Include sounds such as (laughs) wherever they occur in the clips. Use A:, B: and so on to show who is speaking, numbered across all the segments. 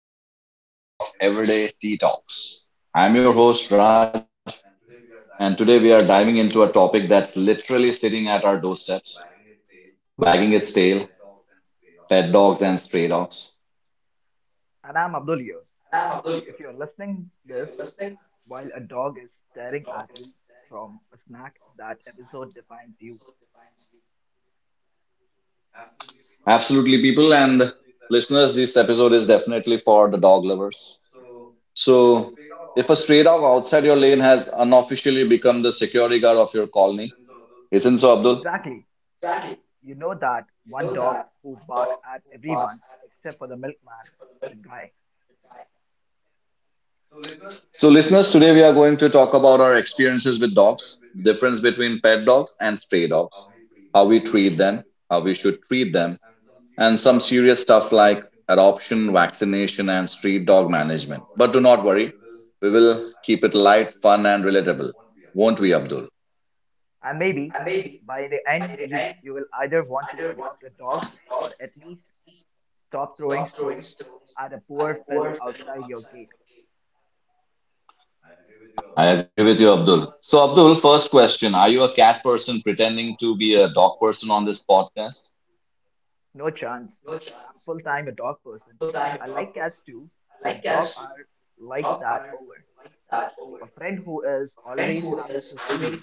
A: Welcome back to another episode of Everyday Tea Talks. I'm your host, Raj, and today we are diving into a topic that's literally sitting at our doorsteps, wagging its tail pet dogs and stray dogs. Absolutely, people and listeners, this episode is definitely for the dog lovers. So, if a stray dog outside your lane has unofficially become the security guard of your colony, isn't so, Abdul?
B: Exactly. You know that one dog who barks at everyone except for the milkman, the guy.
A: So, listeners, today we are going to talk about our experiences with dogs, the difference between pet dogs and stray dogs, how we treat them, how we should treat them, and some serious stuff like adoption, vaccination, and street dog management. But do not worry, we will keep it light, fun, and relatable, won't we, Abdul?
B: And maybe by the end, you will either want to adopt a dog or at least stop throwing stones at a poor fellow outside your gate.
A: I agree with you, Abdul. So, Abdul, first question, are you a cat person pretending to be a dog person on this podcast?
B: No chance. I'm full time a dog person. I like cats too, but dogs are like that over. A friend who is always happy to see you.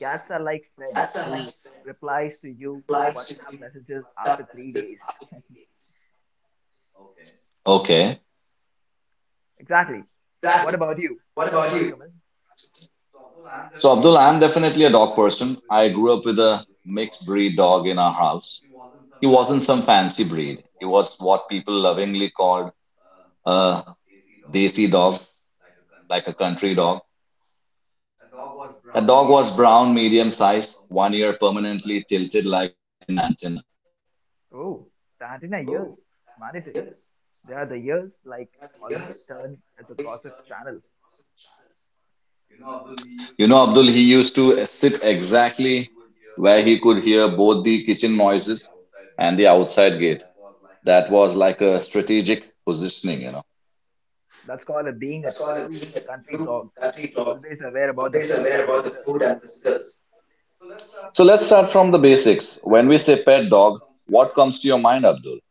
B: Cats are like friend who replies to you WhatsApp messages after 3 days.
A: Okay.
B: Exactly. What about you, Rajkamal?
A: So, Abdul, I'm definitely a dog person. I grew up with a mixed breed dog in our house. He wasn't some fancy breed. He was what people lovingly called a desi dog, like a country dog. That dog was brown, medium sized, one ear permanently tilted like an antenna.
B: Oh, the antenna years. It's mandatory. They are the years like always turn as a gossip channel.
A: You know, Abdul, he used to sit exactly where he could hear both the kitchen noises and the outside gate. That was like a strategic positioning, you know.
B: That's called a being a true country dog. Always aware about the food and visitors.
A: So let's start from the basics. When we say pet dog, what comes to your mind, Abdul?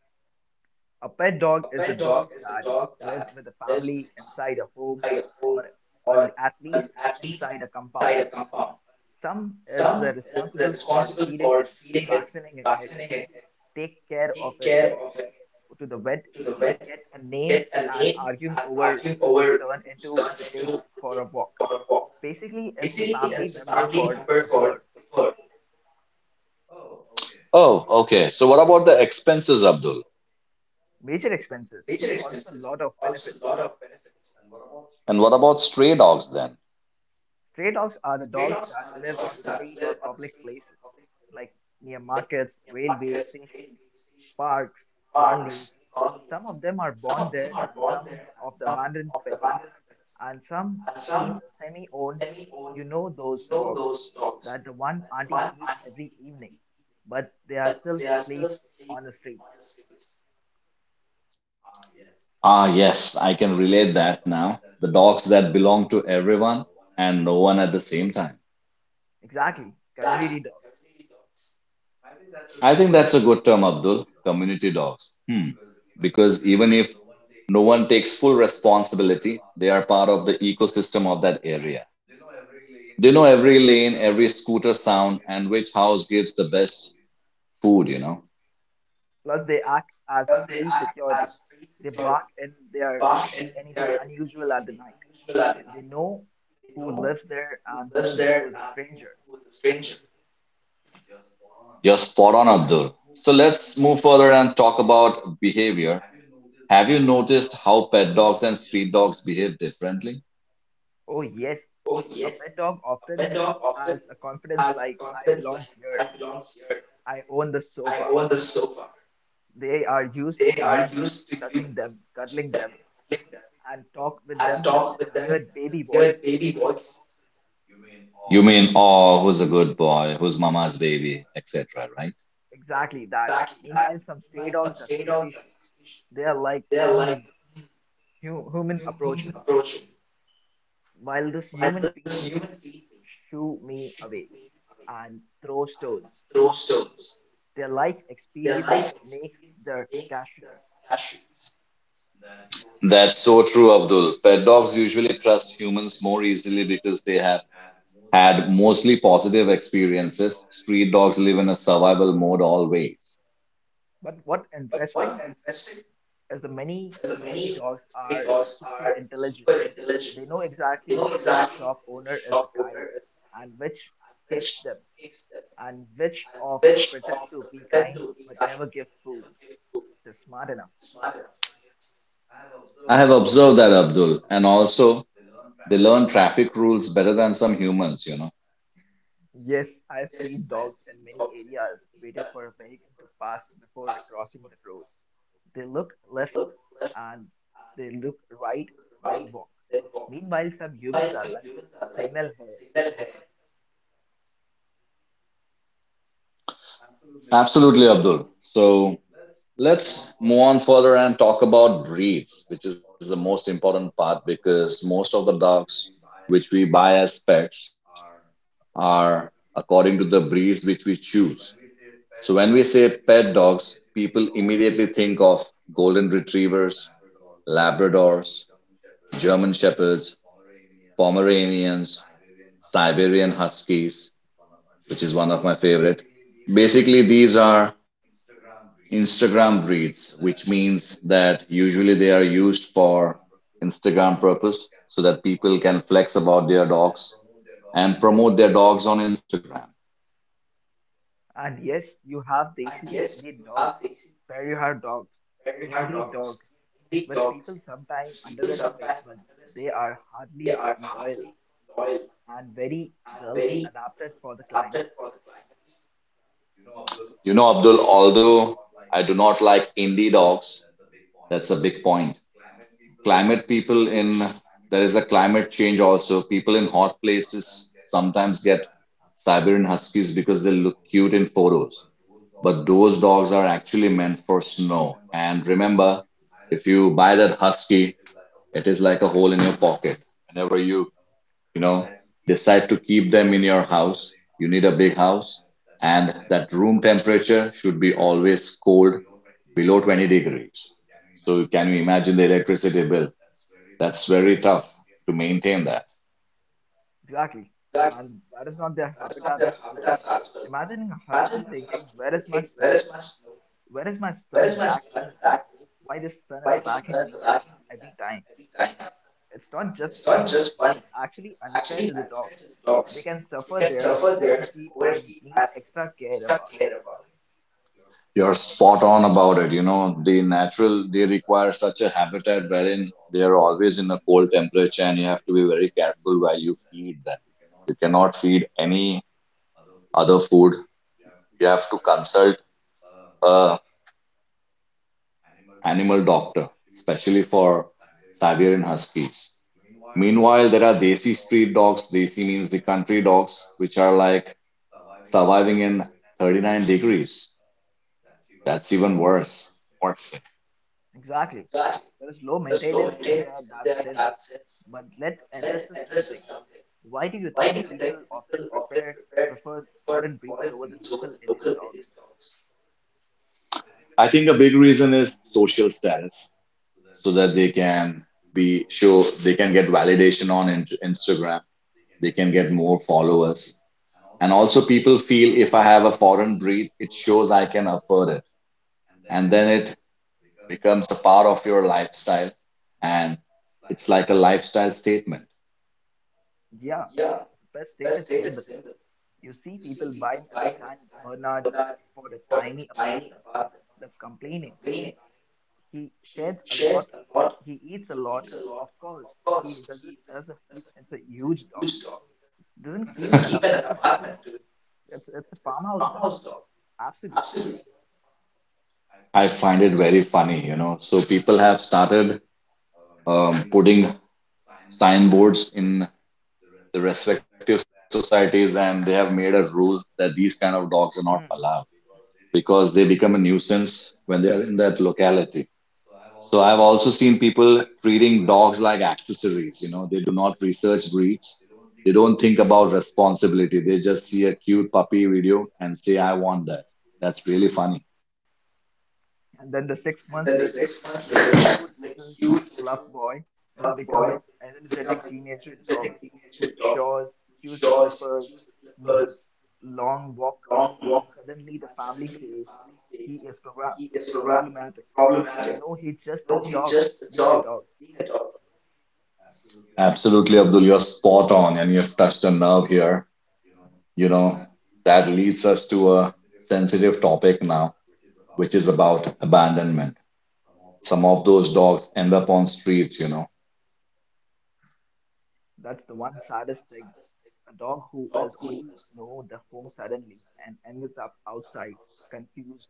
B: A pet dog is a dog that lives with a family inside a home or a, at least inside a compound. Some is responsible for feeding it, vaccinating it, hey, take care of it, go to the vet, get a name, and arguing over who's turn into the take for a walk. Basically, it's a family member for the fur.
A: Oh, okay. So what about the expenses, Abdul?
B: Major expenses, but also a lot of benefits.
A: And what about stray dogs then?
B: Stray dogs are the dogs that live on the street or public places, like near markets, railway stations, parks, colonies. Some of them are born there, and some of the abandoned pets, and some seem semi-owned. You know those dogs that the one auntie feeds every evening, but they are still sleep on the streets.
A: Ah, yes, I can relate that now. The dogs that belong to everyone and no one at the same time.
B: Exactly, community dogs.
A: I think that's a good term, Abdul. Community dogs. Hmm. Because even if no one takes full responsibility, they are part of the ecosystem of that area. They know every lane, every scooter sound, and which house gives the best food, you know.
B: Plus, they act as free security. They bark and they are, see anything unusual at the night. They know who lives there and who is a stranger.
A: You're spot on, Abdul. So let's move further and talk about behavior. Have you noticed how pet dogs and street dogs behave differently?
B: Oh, yes, a pet dog often has a confidence like, I belong here, I own the sofa. They are used to humans touching them, cuddling them, and talk with them in a weird baby voice.
A: You mean, oh, who's a good boy, who's mama's baby, etc., right?
B: Exactly that. Meanwhile, some stray dogs are suspicious. They are like, hmm, human approaching. While this human feed me, shoo me away, and throw stones. Their life experience makes their cashews.
A: That's so true, Abdul. Pet dogs usually trust humans more easily because they have had mostly positive experiences. Street dogs live in a survival mode always.
B: But what interesting is the many stray dogs are super intelligent. They know exactly which shop owner is the kind and which kicks them and which of the pretend to be kind but never give food. They're smart enough.
A: I have observed that, Abdul, and also they learn traffic rules better than some humans, you know.
B: Yes, I've seen dogs in many areas waited for a vehicle to pass before crossing the road. They look left and they look right, then walk. Meanwhile, some humans are like signal here.
A: Absolutely, Abdul. So let's move on further and talk about breeds, which is the most important part because most of the dogs which we buy as pets are according to the breeds which we choose. So when we say pet dogs, people immediately think of golden retrievers, Labradors, German Shepherds, Pomeranians, Siberian Huskies, which is one of my favorite. Basically, these are Instagram breeds, which means that usually they are used for Instagram purpose so that people can flex about their dogs and promote their dogs on Instagram.
B: And yes, you have Desi Indian dogs, Perihar dogs, Indi dogs, which people sometimes underestimate, but they are hardly loyal and very well adapted for the climates.
A: You know, Abdul, although I do not like indie dogs, that's a big point. Climate people in there is a climate change also. People in hot places sometimes get Siberian Huskies because they look cute in photos. But those dogs are actually meant for snow. And remember, if you buy that husky, it is like a hole in your pocket. Whenever you you know decide to keep them in your house, you need a big house and that room temperature should be always cold, below 20 degrees. So can you imagine the electricity bill? That's very tough to maintain that.
B: Exactly. And that is not their habitat as well. Imagining a husky thinking, where is my snow? Where is my sun attack me? Why this sun is attacking me at every time? It's not just funny. It's actually unfair to the dogs. They can suffer their overheat and need extra care about it.
A: You're spot on about it. You know, the natural, they require such a habitat wherein they are always in a cold temperature and you have to be very careful where you feed them. You cannot feed any other food. You have to consult a animal doctor, especially for Siberian Huskies. Meanwhile, there are desi street dogs. Desi means the country dogs, which are like surviving in 39 degrees. That's even worse. Worse.
B: Exactly. There is low maintenance in their that sense. But let addresses something. Why do you think people often prepare prefer foreign breeds over the local Indian dogs?
A: I think a big reason is social status, so that they can be show they can get validation on Instagram. They can get more followers, and also people feel if I have a foreign breed, it shows I can afford it, and then it becomes a part of your lifestyle, and it's like a lifestyle statement.
B: Yeah, the best status symbol. You see people buying a Stan Bernard for a tiny apartment. That's complaining. He sheds a lot. He eats a lot. Of course, he doesn't. As a, he, it's a huge dog. Doesn't keep an apartment, dude. It's a farmhouse dog. Absolutely.
A: I find it very funny, you know. So people have started putting signboards in the respective societies and they have made a rule that these kind of dogs are not
B: Hmm.
A: allowed because they become a nuisance when they are in that locality. So I've also seen people treating dogs like accessories. You know, they do not research breeds. They don't think about responsibility. They just see a cute puppy video and say, I want that. That's really funny.
B: And then the 6 months later, the cute little fluff boy has become an energetic teenager dog who chores, chews the slippers, needs long walk, and suddenly the family says he is problematic. No, he's just a dog, being a dog.
A: Absolutely, Abdul, you're spot on and you've touched a nerve here. You know, that leads us to a sensitive topic now, which is about abandonment. Some of those dogs end up on streets, you know.
B: That's the one saddest thing. A dog who has only known the home suddenly and ends up outside, confused,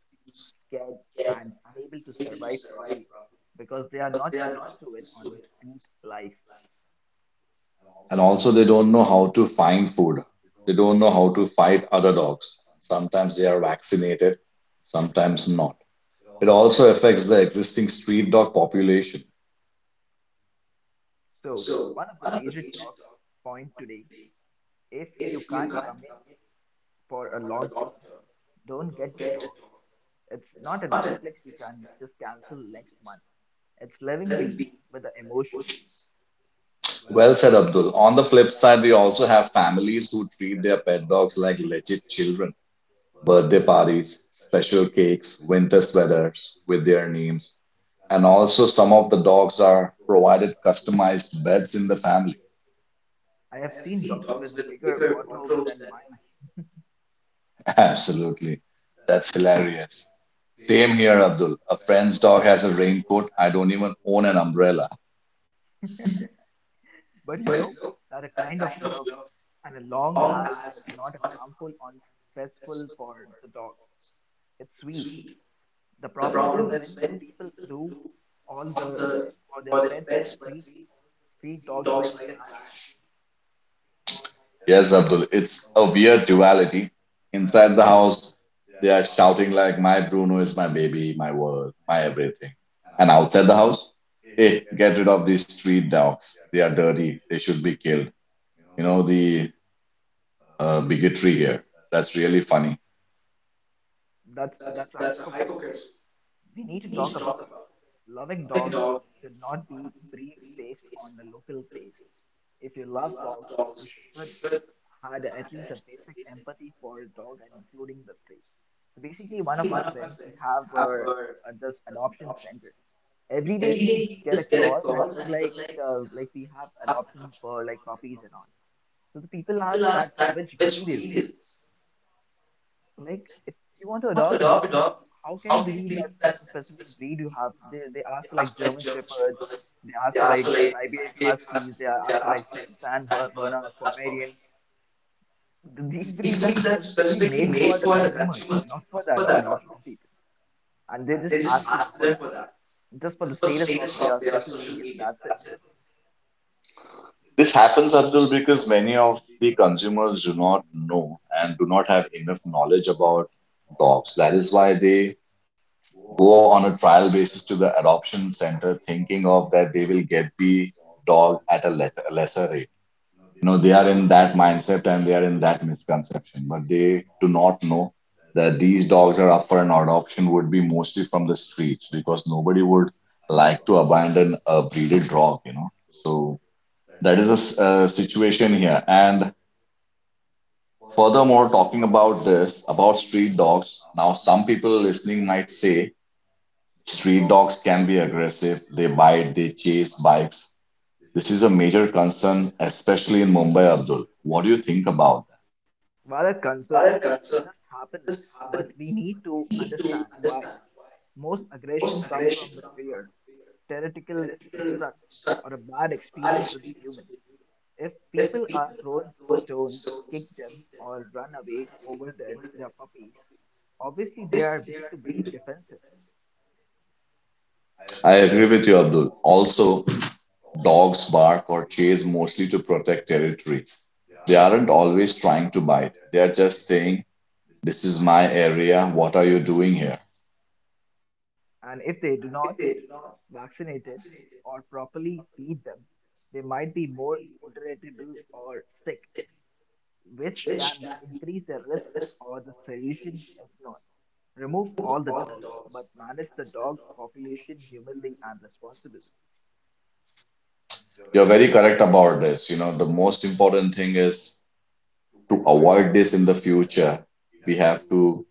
B: scared, and unable to survive properly because they are not used to it on the street life.
A: And also they don't know how to find food. They don't know how to fight other dogs. Sometimes they are vaccinated, sometimes not. It also affects the existing street dog population.
B: So, one of the major talk point today, if you can't commit for a long term, don't get a dog. It's not a Netflix you can just cancel next month. It's living being with the emotions.
A: Well said, Abdul. On the flip side, we also have families who treat their pet dogs like legit children. Birthday parties, special cakes, winter sweaters with their names. And also, some of the dogs are provided customized beds in the family.
B: I have seen dogs with bigger wardrobes than mine.
A: (laughs) Absolutely. That's hilarious. Same here, Abdul. A friend's dog has a raincoat. I don't even own an umbrella.
B: But you know, that a kind of love, and as long as it's not harmful or stressful for the dogs, it's sweet. The problem is when the people do all the or their pets but treat street dogs like a trash.
A: Yes, Abdul, it's a weird duality. Inside the house, they are shouting like, My Bruno is my baby, my world, my everything. And outside the house, hey, get rid of these street dogs. They are dirty. They should be killed. You know, the bigotry here. That's really funny.
B: That's a hypocrisy. We need to talk about it. Loving dogs should not be breed based on the local base. If you love dogs, you should had at least a basic empathy for a dog and including the stray. So basically, one of my friends, he have this adoption center. Every day he just get a call and he was like we have adoptions for like puppies and all. So the people ask that which breed is this? Like, if you want to adopt a dog, how can you believe that that's a specific breed you have? They ask for like German Shepherds, they ask for like Siberian Huskies, they ask for like San Bernards, Pomeranian. These breeds are specifically made for the consumers, not for the adoption people, and they just ask them for that, just for the status of their social media. That's it.
A: This happens, Abdul, because many of the consumers do not know and do not have enough knowledge about dogs. That is why they go on a trial basis to the adoption center, thinking of that they will get the dog at a lesser rate. No, they are in that mindset and they are in that misconception, but they do not know that these dogs are up for an adoption would be mostly from the streets because nobody would like to abandon a breeded dog, you know. So. That is a situation here. And furthermore, talking about this, about street dogs, now some people listening might say street dogs can be aggressive, they bite, they chase bikes. This is a major concern, especially in Mumbai, Abdul. What do you think about that?
B: Rather concerned. It just happened, but we need to understand why. Most aggression comes from the fear, theoretical instruct, or a bad experience with a human. If people are thrown stones, kick them, or run away over their puppies, obviously they are being to defensive.
A: I agree with you, Abdul. Also, dogs bark or chase mostly to protect territory. They aren't always trying to bite. They are just saying, this is my area. What are you doing here?
B: And if they do not vaccinated or properly feed them, they might be more irritable or sick, which can be increase the risk or the solution is not. Remove all the dogs, but manage the dog population humanly and responsibly.
A: You're very correct about this. You know, the most important thing is to avoid this in the future. We have to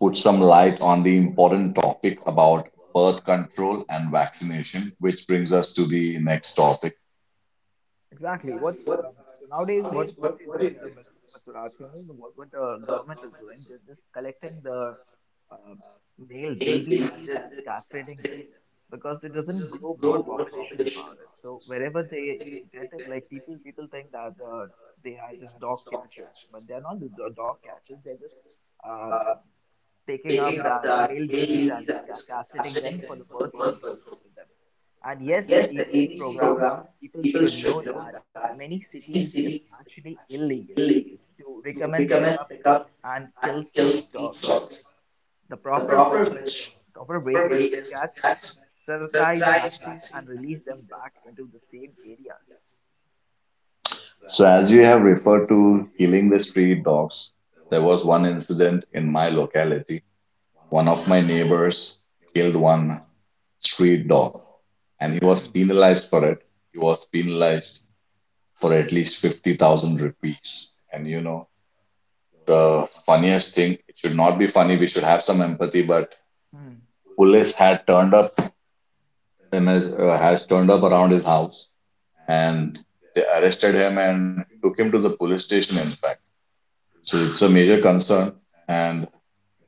A: put some light on the important topic about birth control and vaccination, which brings us to the next topic.
B: Exactly. What so nowadays, what do you think, Mr. Rajkumar, what the government is doing? They're just collecting the uh, male babies and they're just castrating them because it doesn't grow more population about it. So wherever they get it, like people think that they are just dog catchers, but they're not the dog catchers. They're just uh, taking up the male babies and just castrating them for the birth control with them. And yes, the ABC program, people should know that many cities it's actually illegal to recommend pick up and kill street dogs. The proper way is to catch, sterilize, vaccine, and release them back into the same areas.
A: So, as you have referred to killing the street dogs, there was one incident in my locality. One of my neighbors killed one street dog and
B: Hmm.
A: he was penalized for it. He was penalized for at least 50,000 rupees. And you know, the funniest thing, it should not be funny, we should have some empathy, but
B: Hmm.
A: police had turned up in has turned up around his house and they arrested him and took him to the police station, in fact. So it's a major concern and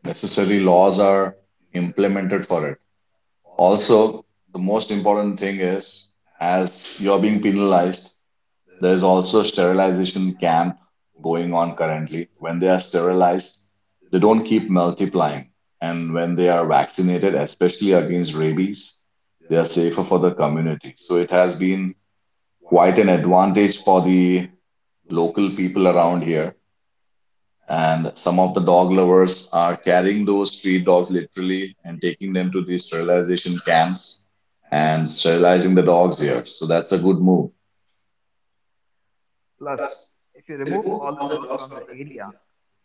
A: necessary laws are implemented for it. Also, the most important thing is, as you're being penalized, there is also a sterilization camp going on currently. When they are sterilized, they don't keep multiplying. And when they are vaccinated, especially against rabies, they are safer for the community. So it has been quite an advantage for the local people around here. And some of the dog lovers are carrying those street dogs literally and taking them to these sterilization camps and sterilizing the dogs here. So that's a good move.
B: Plus, if you remove all the dogs from the area,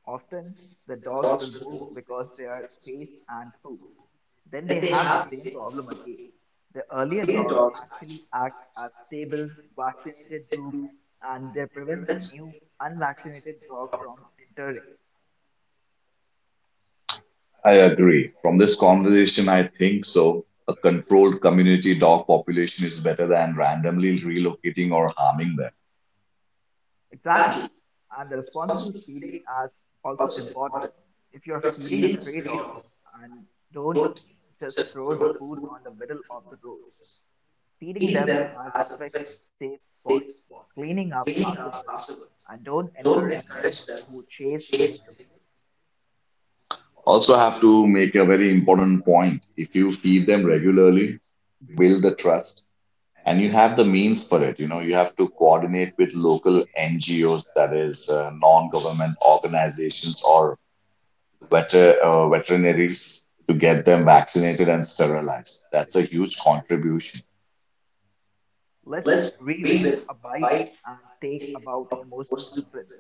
B: often the dogs will move because they are space and food. Then they have the same problem again. The earlier dogs actually act as stable, vaccinated group and they prevent new unvaccinated dog from entering.
A: I agree. From this conversation, I think so. A controlled community dog population is better than randomly relocating or harming them.
B: Exactly. And the responsible feeding is also important. If you're feeding a stray dog and don't just throw the food on the middle of the roads, feeding them as a fixed, safe spot, cleaning up afterwards, and don't encourage them who chase vehicles.
A: Also, I have to make a very important point. If you feed them regularly, build the trust, and you have the means for it, you know, you have to coordinate with local NGOs, that is, non-government organizations or veterinaries to get them vaccinated and sterilized. That's a huge contribution.
B: Let's rewin a bite and take about emotional difference.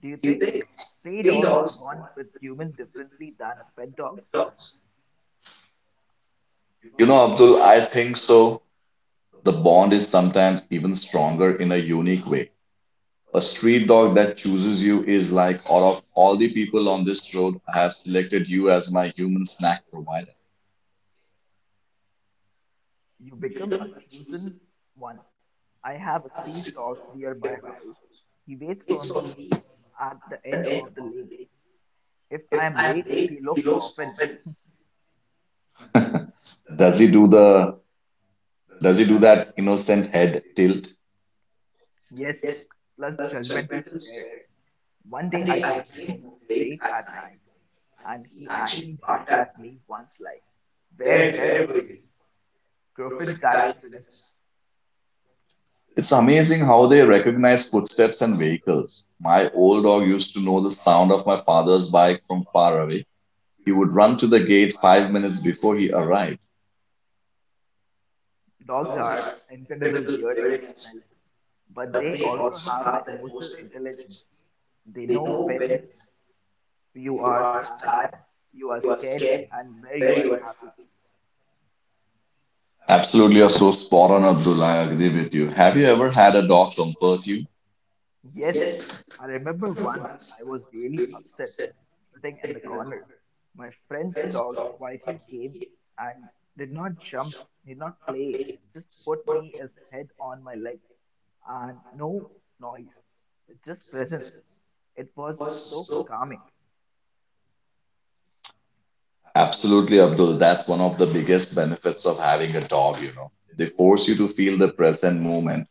B: Do you think stray dogs bond with humans differently than pet dogs?
A: You know, Abdul, I think so. The bond is sometimes even stronger in a unique way. A street dog that chooses you is like, out of all the people on this road, I have selected you as my human snack provider.
B: You become a chosen one. I have a street dog near my house. He waits for me at the end of the lane. If I am late, he looks often.
A: Does he do the, does he do that innocent head tilt?
B: Yes, plus judgmental stare. One day I came home late at night and he actually barked at me once like, where were you? Griffin time finished.
A: It's amazing how they recognize footsteps and vehicles. My old dog used to know the sound of my father's bike from far away. He would run to the gate 5 minutes before he arrived.
B: Dogs are incredible hearing and smell, but they also have the emotional intelligence. They know when you are sad, you are scared, and where you are happy.
A: Absolutely, you're so spot on, Abdul. I agree with you. Have you ever had a dog comfort you?
B: Yes, I remember once I was really upset sitting in the corner. My friend's dog quietly came and did not jump, did not play, just put me his head on my leg and no noise, just presence. It was so calming.
A: Absolutely, Abdul. That's one of the biggest benefits of having a dog, you know. They force you to feel the present moment.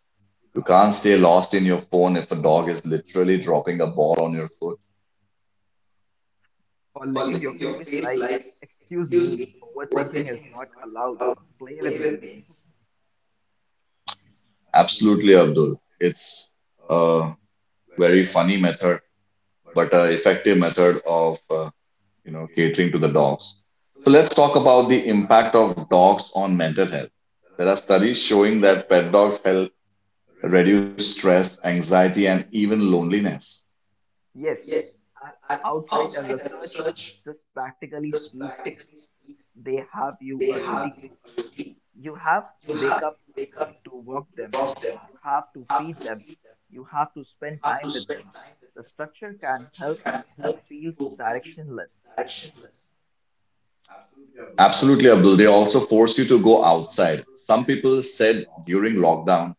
A: You can't stay lost in your phone if a dog is literally dropping a ball on your foot.
B: Or licking your face like, excuse me, overthinking is not allowed. Play with me.
A: Absolutely, Abdul. It's a very funny method but an effective method of catering to the dogs. So let's talk about the impact of dogs on mental health. There are studies showing that pet dogs help reduce stress, anxiety, and even loneliness.
B: Yes, uh, outside the research, this practically speaks, they have you a routine. You have to wake up to work them. You have to feed them. You have to spend time with them. The structure can help who feels directionless.
A: Absolutely, Abdul. They also force you to go outside. Some people said during lockdown,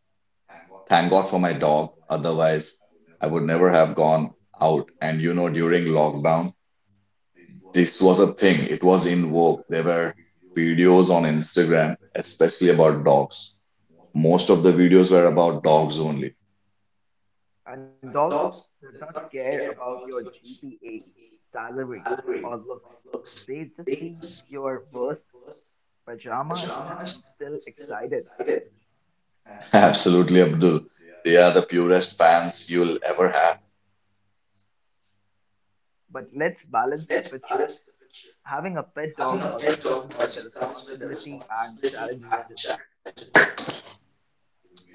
A: thank God for my dog. Otherwise, I would never have gone out. And you know, during lockdown, this was a thing. It was in vogue. There were videos on Instagram, especially about dogs. Most of the videos were about dogs only.
B: And dogs do not care about your GPA, salary, or looks. They just see your worst pajamas and still excited.
A: (laughs) Absolutely, Abdul. They are the purest fans you'll ever have.
B: But let's balance the picture. Having a pet dog also comes with the responsibility and challenges.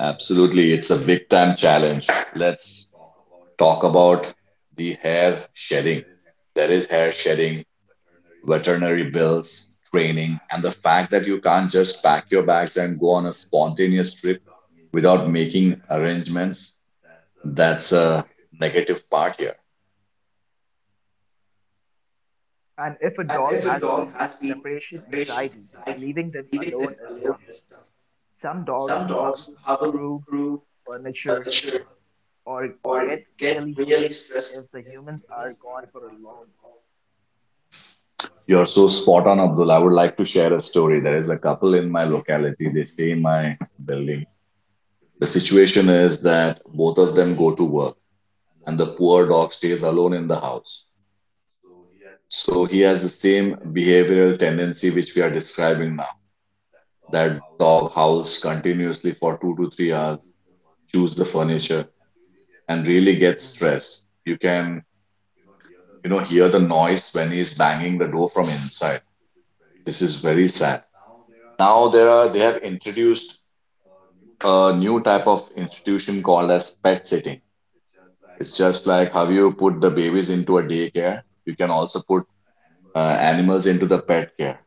A: Absolutely. It's a big time challenge. Let's talk about the hair shedding. There is hair shedding, veterinary bills, training, and the fact that you can't just pack your bags and go on a spontaneous trip without making arrangements. That's a negative part here.
B: And if a dog has been separation anxiety, leaving them alone is tough. Some dogs howl, groove furniture, or get really stressed if the humans are gone for a long.
A: You're so spot on, Abdul. I would like to share a story. There is a couple in my locality. They stay in my building. The situation is that both of them go to work, and the poor dog stays alone in the house. So he has the same behavioral tendency which we are describing now. That dog howls continuously for 2 to 3 hours, chews the furniture,
B: Mm,
A: and really gets
B: mm.
A: stressed. You can, you know, hear the noise when he's banging the door from inside. This is very sad. Now there are they have introduced a new type of institution called as pet sitting. It's just like how you put the babies into a daycare, you can also put uh, animals into the pet care.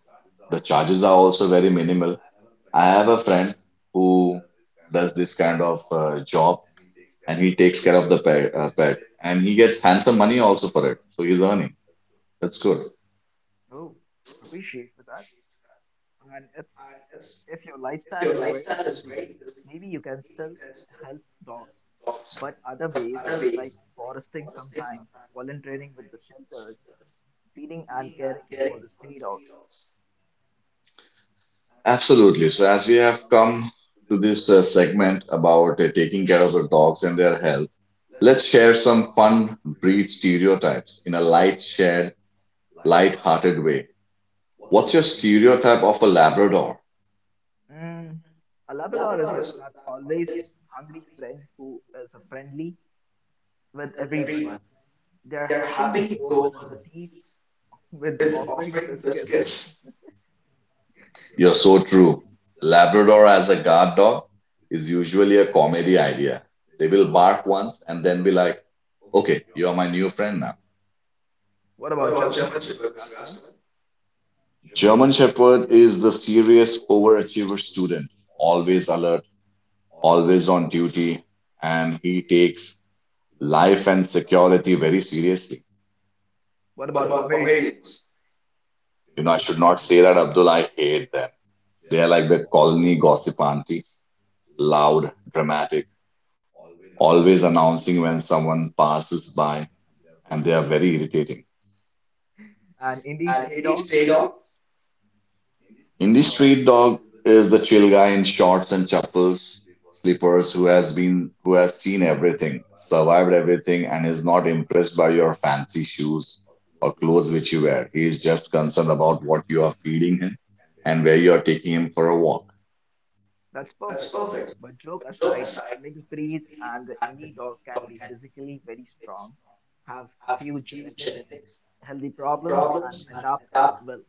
A: The charges are also very minimal. I have a friend who does this kind of job, and he takes care of the pet, and he gets handsome money also for it. So he's earning. That's good.
B: Oh, appreciate for that. And it's If your lifestyle is very busy, maybe you can still help dogs, but other ways like foresting sometime, volunteering with the shelters, feeding and caring for the stray dogs.
A: Absolutely. So, as we have come to this segment about taking care of the dogs and their health, let's share some fun breed stereotypes in a light, light-hearted way. What's your stereotype of a Labrador?
B: Mm, a Labrador is with that always hungry friend who is friendly with everyone. They're happy to go for the teeth with offering biscuits.
A: You're so true. Labrador as a guard dog is usually a comedy idea. They will bark once and then be like, okay, you're my new friend now.
B: What about German Shepherd, Mr. Asperman?
A: German Shepherd is the serious overachiever student, always alert, always on duty, and he takes life and security very seriously.
B: What about Pomeranians
A: You know, I should not say that, Abdul. I hate them. They are like the colony gossip auntie, loud, dramatic, always announcing when someone passes by, and they are very irritating.
B: and Indies play?
A: Indie street dog is the chill guy in shorts and chappals, slippers who has seen everything, survived everything, and is not impressed by your fancy shoes or clothes which you wear. He is just concerned about what you are feeding him and where you are taking him for a walk.
B: That's perfect. But joke aside, a mixed breed and the indie dog can be physically very strong, have few genetics, healthy problems, and adapt well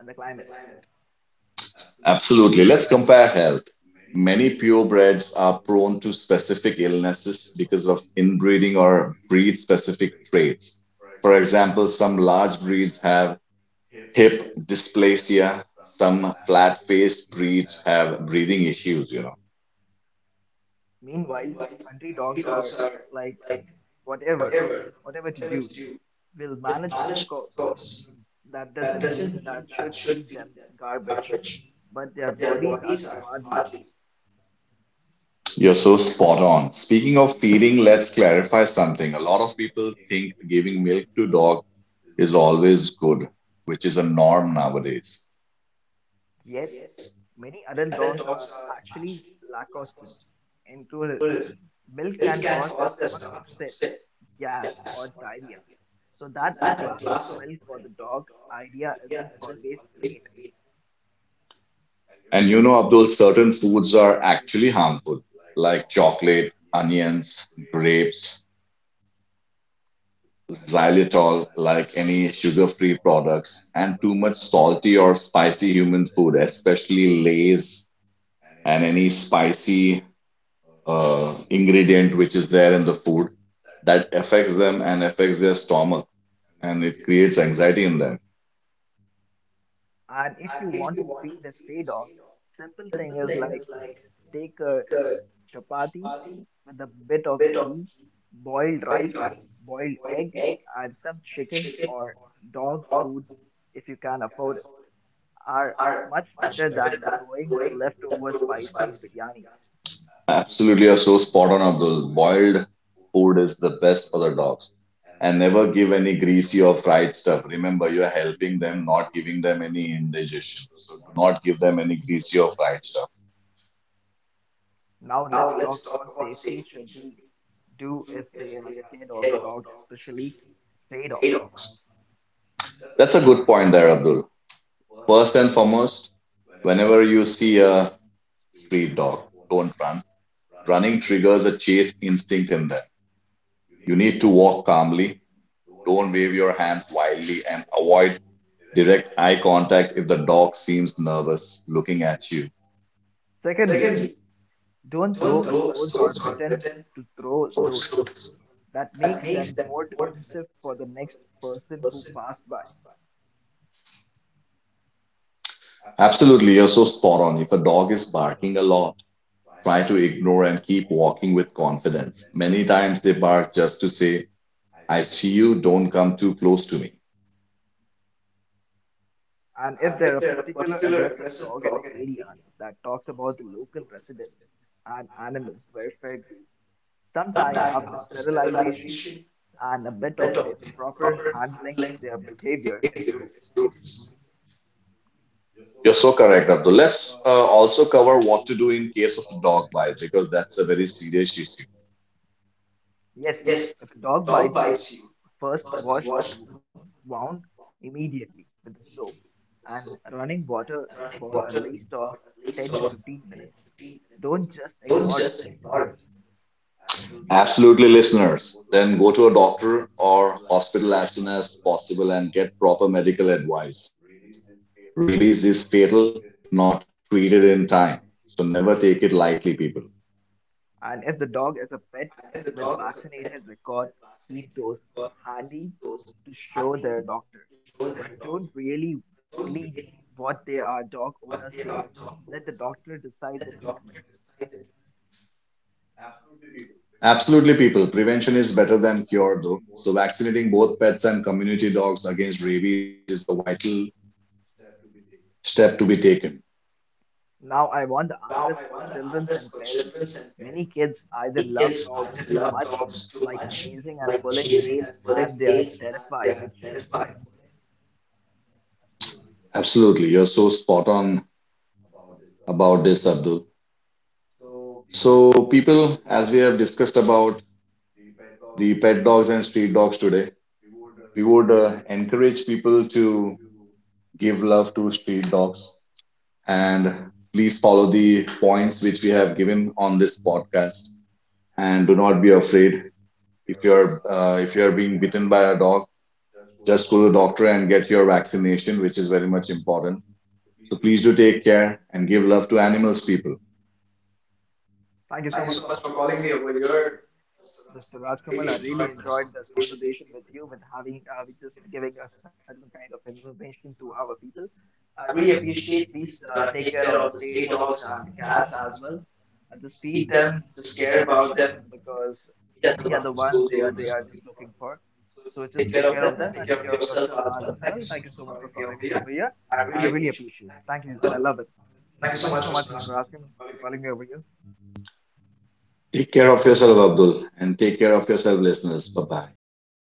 B: in the climate.
A: Absolutely. Let's compare health. Many purebreds are prone to specific illnesses because of inbreeding or breed specific traits. For example, some large breeds have hip dysplasia. Some flat-faced breeds have breathing issues, you know.
B: Meanwhile, country dogs are like whatever, whatever to do, will manage, of course. That doesn't mean that should feed them garbage, but their bodies are hardly.
A: You're so spot on. Speaking of feeding, let's clarify something. A lot of people think giving milk to dog is always good, which is a norm nowadays.
B: Yes, many adult dogs are actually Lacoste included. Milk can cause the stomach upset, gas, or diarrhea. So that a glass of milk for the dog idea isn't always great.
A: And you know, Abdul, certain foods are actually harmful, like chocolate, onions, grapes, xylitol, like any sugar-free products, and too much salty or spicy human food, especially Lay's and any spicy ingredient which is there in the food that affects them and affects their stomach, and it creates anxiety in them.
B: And if you want to feed a stray dog, simple thing is like take a chapati with a bit of ghee, boiled rice, boiled egg, and some chicken or dog food if you can afford it are much better than throwing leftover spicy biryani.
A: Absolutely, you're so spot on of those. Boiled food is the best for the dogs. And never give any greasy or fried stuff. Remember, you're helping them, not giving them any indigestion. So do not give them any greasy or fried stuff.
B: Now let's talk about safety should be do if they are scared of dogs, especially stray dogs.
A: That's a good point there, Abdul. First and foremost, whenever you see a street dog, don't run. Running triggers a chase instinct in them. You need to walk calmly, don't wave your hands wildly, and avoid direct eye contact if the dog seems nervous looking at you.
B: Secondly, don't throw a stones or pretend to throw stones. That makes them more defensive for the next person who passed by.
A: Absolutely, you're so spot on. If a dog is barking a lot, try to ignore and keep walking with confidence. Many times they bark just to say, I see you, don't come too close to me.
B: And if there are a particular aggressive dog in an area that talks about the local residents and animals welfare group, sometime after sterilization and a bit of a proper handling, their behavior improves.
A: You're so correct, Abdul. Let's also cover what to do in case of a dog bite because that's a very serious issue.
B: Yes, if a dog bites you, first wash the wound immediately with the soap and running water for at least of 10 to 15 minutes. Don't just ignore it.
A: Absolutely, listeners. Then go to a doctor or hospital as soon as possible and get proper medical advice. Rabies is fatal if not treated in time. So never take it lightly, people.
B: And if the dog is a pet with vaccinated record, keep those handy to show their doctor. But don't really only what they are dog owner says. Let the doctor decide the treatment.
A: Absolutely, people. Prevention is better than cure, though. So vaccinating both pets and community dogs against rabies is a vital step to be taken.
B: Now I want the artist for children and parents. Many kids either love dogs too much, like chasing and pulling tails, and they are terrified.
A: Absolutely. You're so spot on about this, Abdul. So, people, as we have discussed about the pet dogs and street dogs today, we would encourage people to give love to street dogs, and please follow the points which we have given on this podcast, and do not be afraid if you're being bitten by a dog. Just go to the doctor and get your vaccination which is very much important. So please do take care and give love to animals, people.
B: Thank you so much for calling me over here, Mr. Rajkamal. I really enjoyed this conversation with you, with having, with just giving us certain kind of information to our people. I really appreciate. Please take care of the stray dogs and the cats as well. Just feed them, just care about them because we are the ones who they are just looking for. So just take care of them and take care of yourself as well. Thank you so much for calling me over here. I really appreciate. It. Thank you. I love it. Thank you so much, Mr. Rajkamal, for calling me over here.
A: Take care of yourself, Abdul, and take care of yourself, listeners. Bye bye.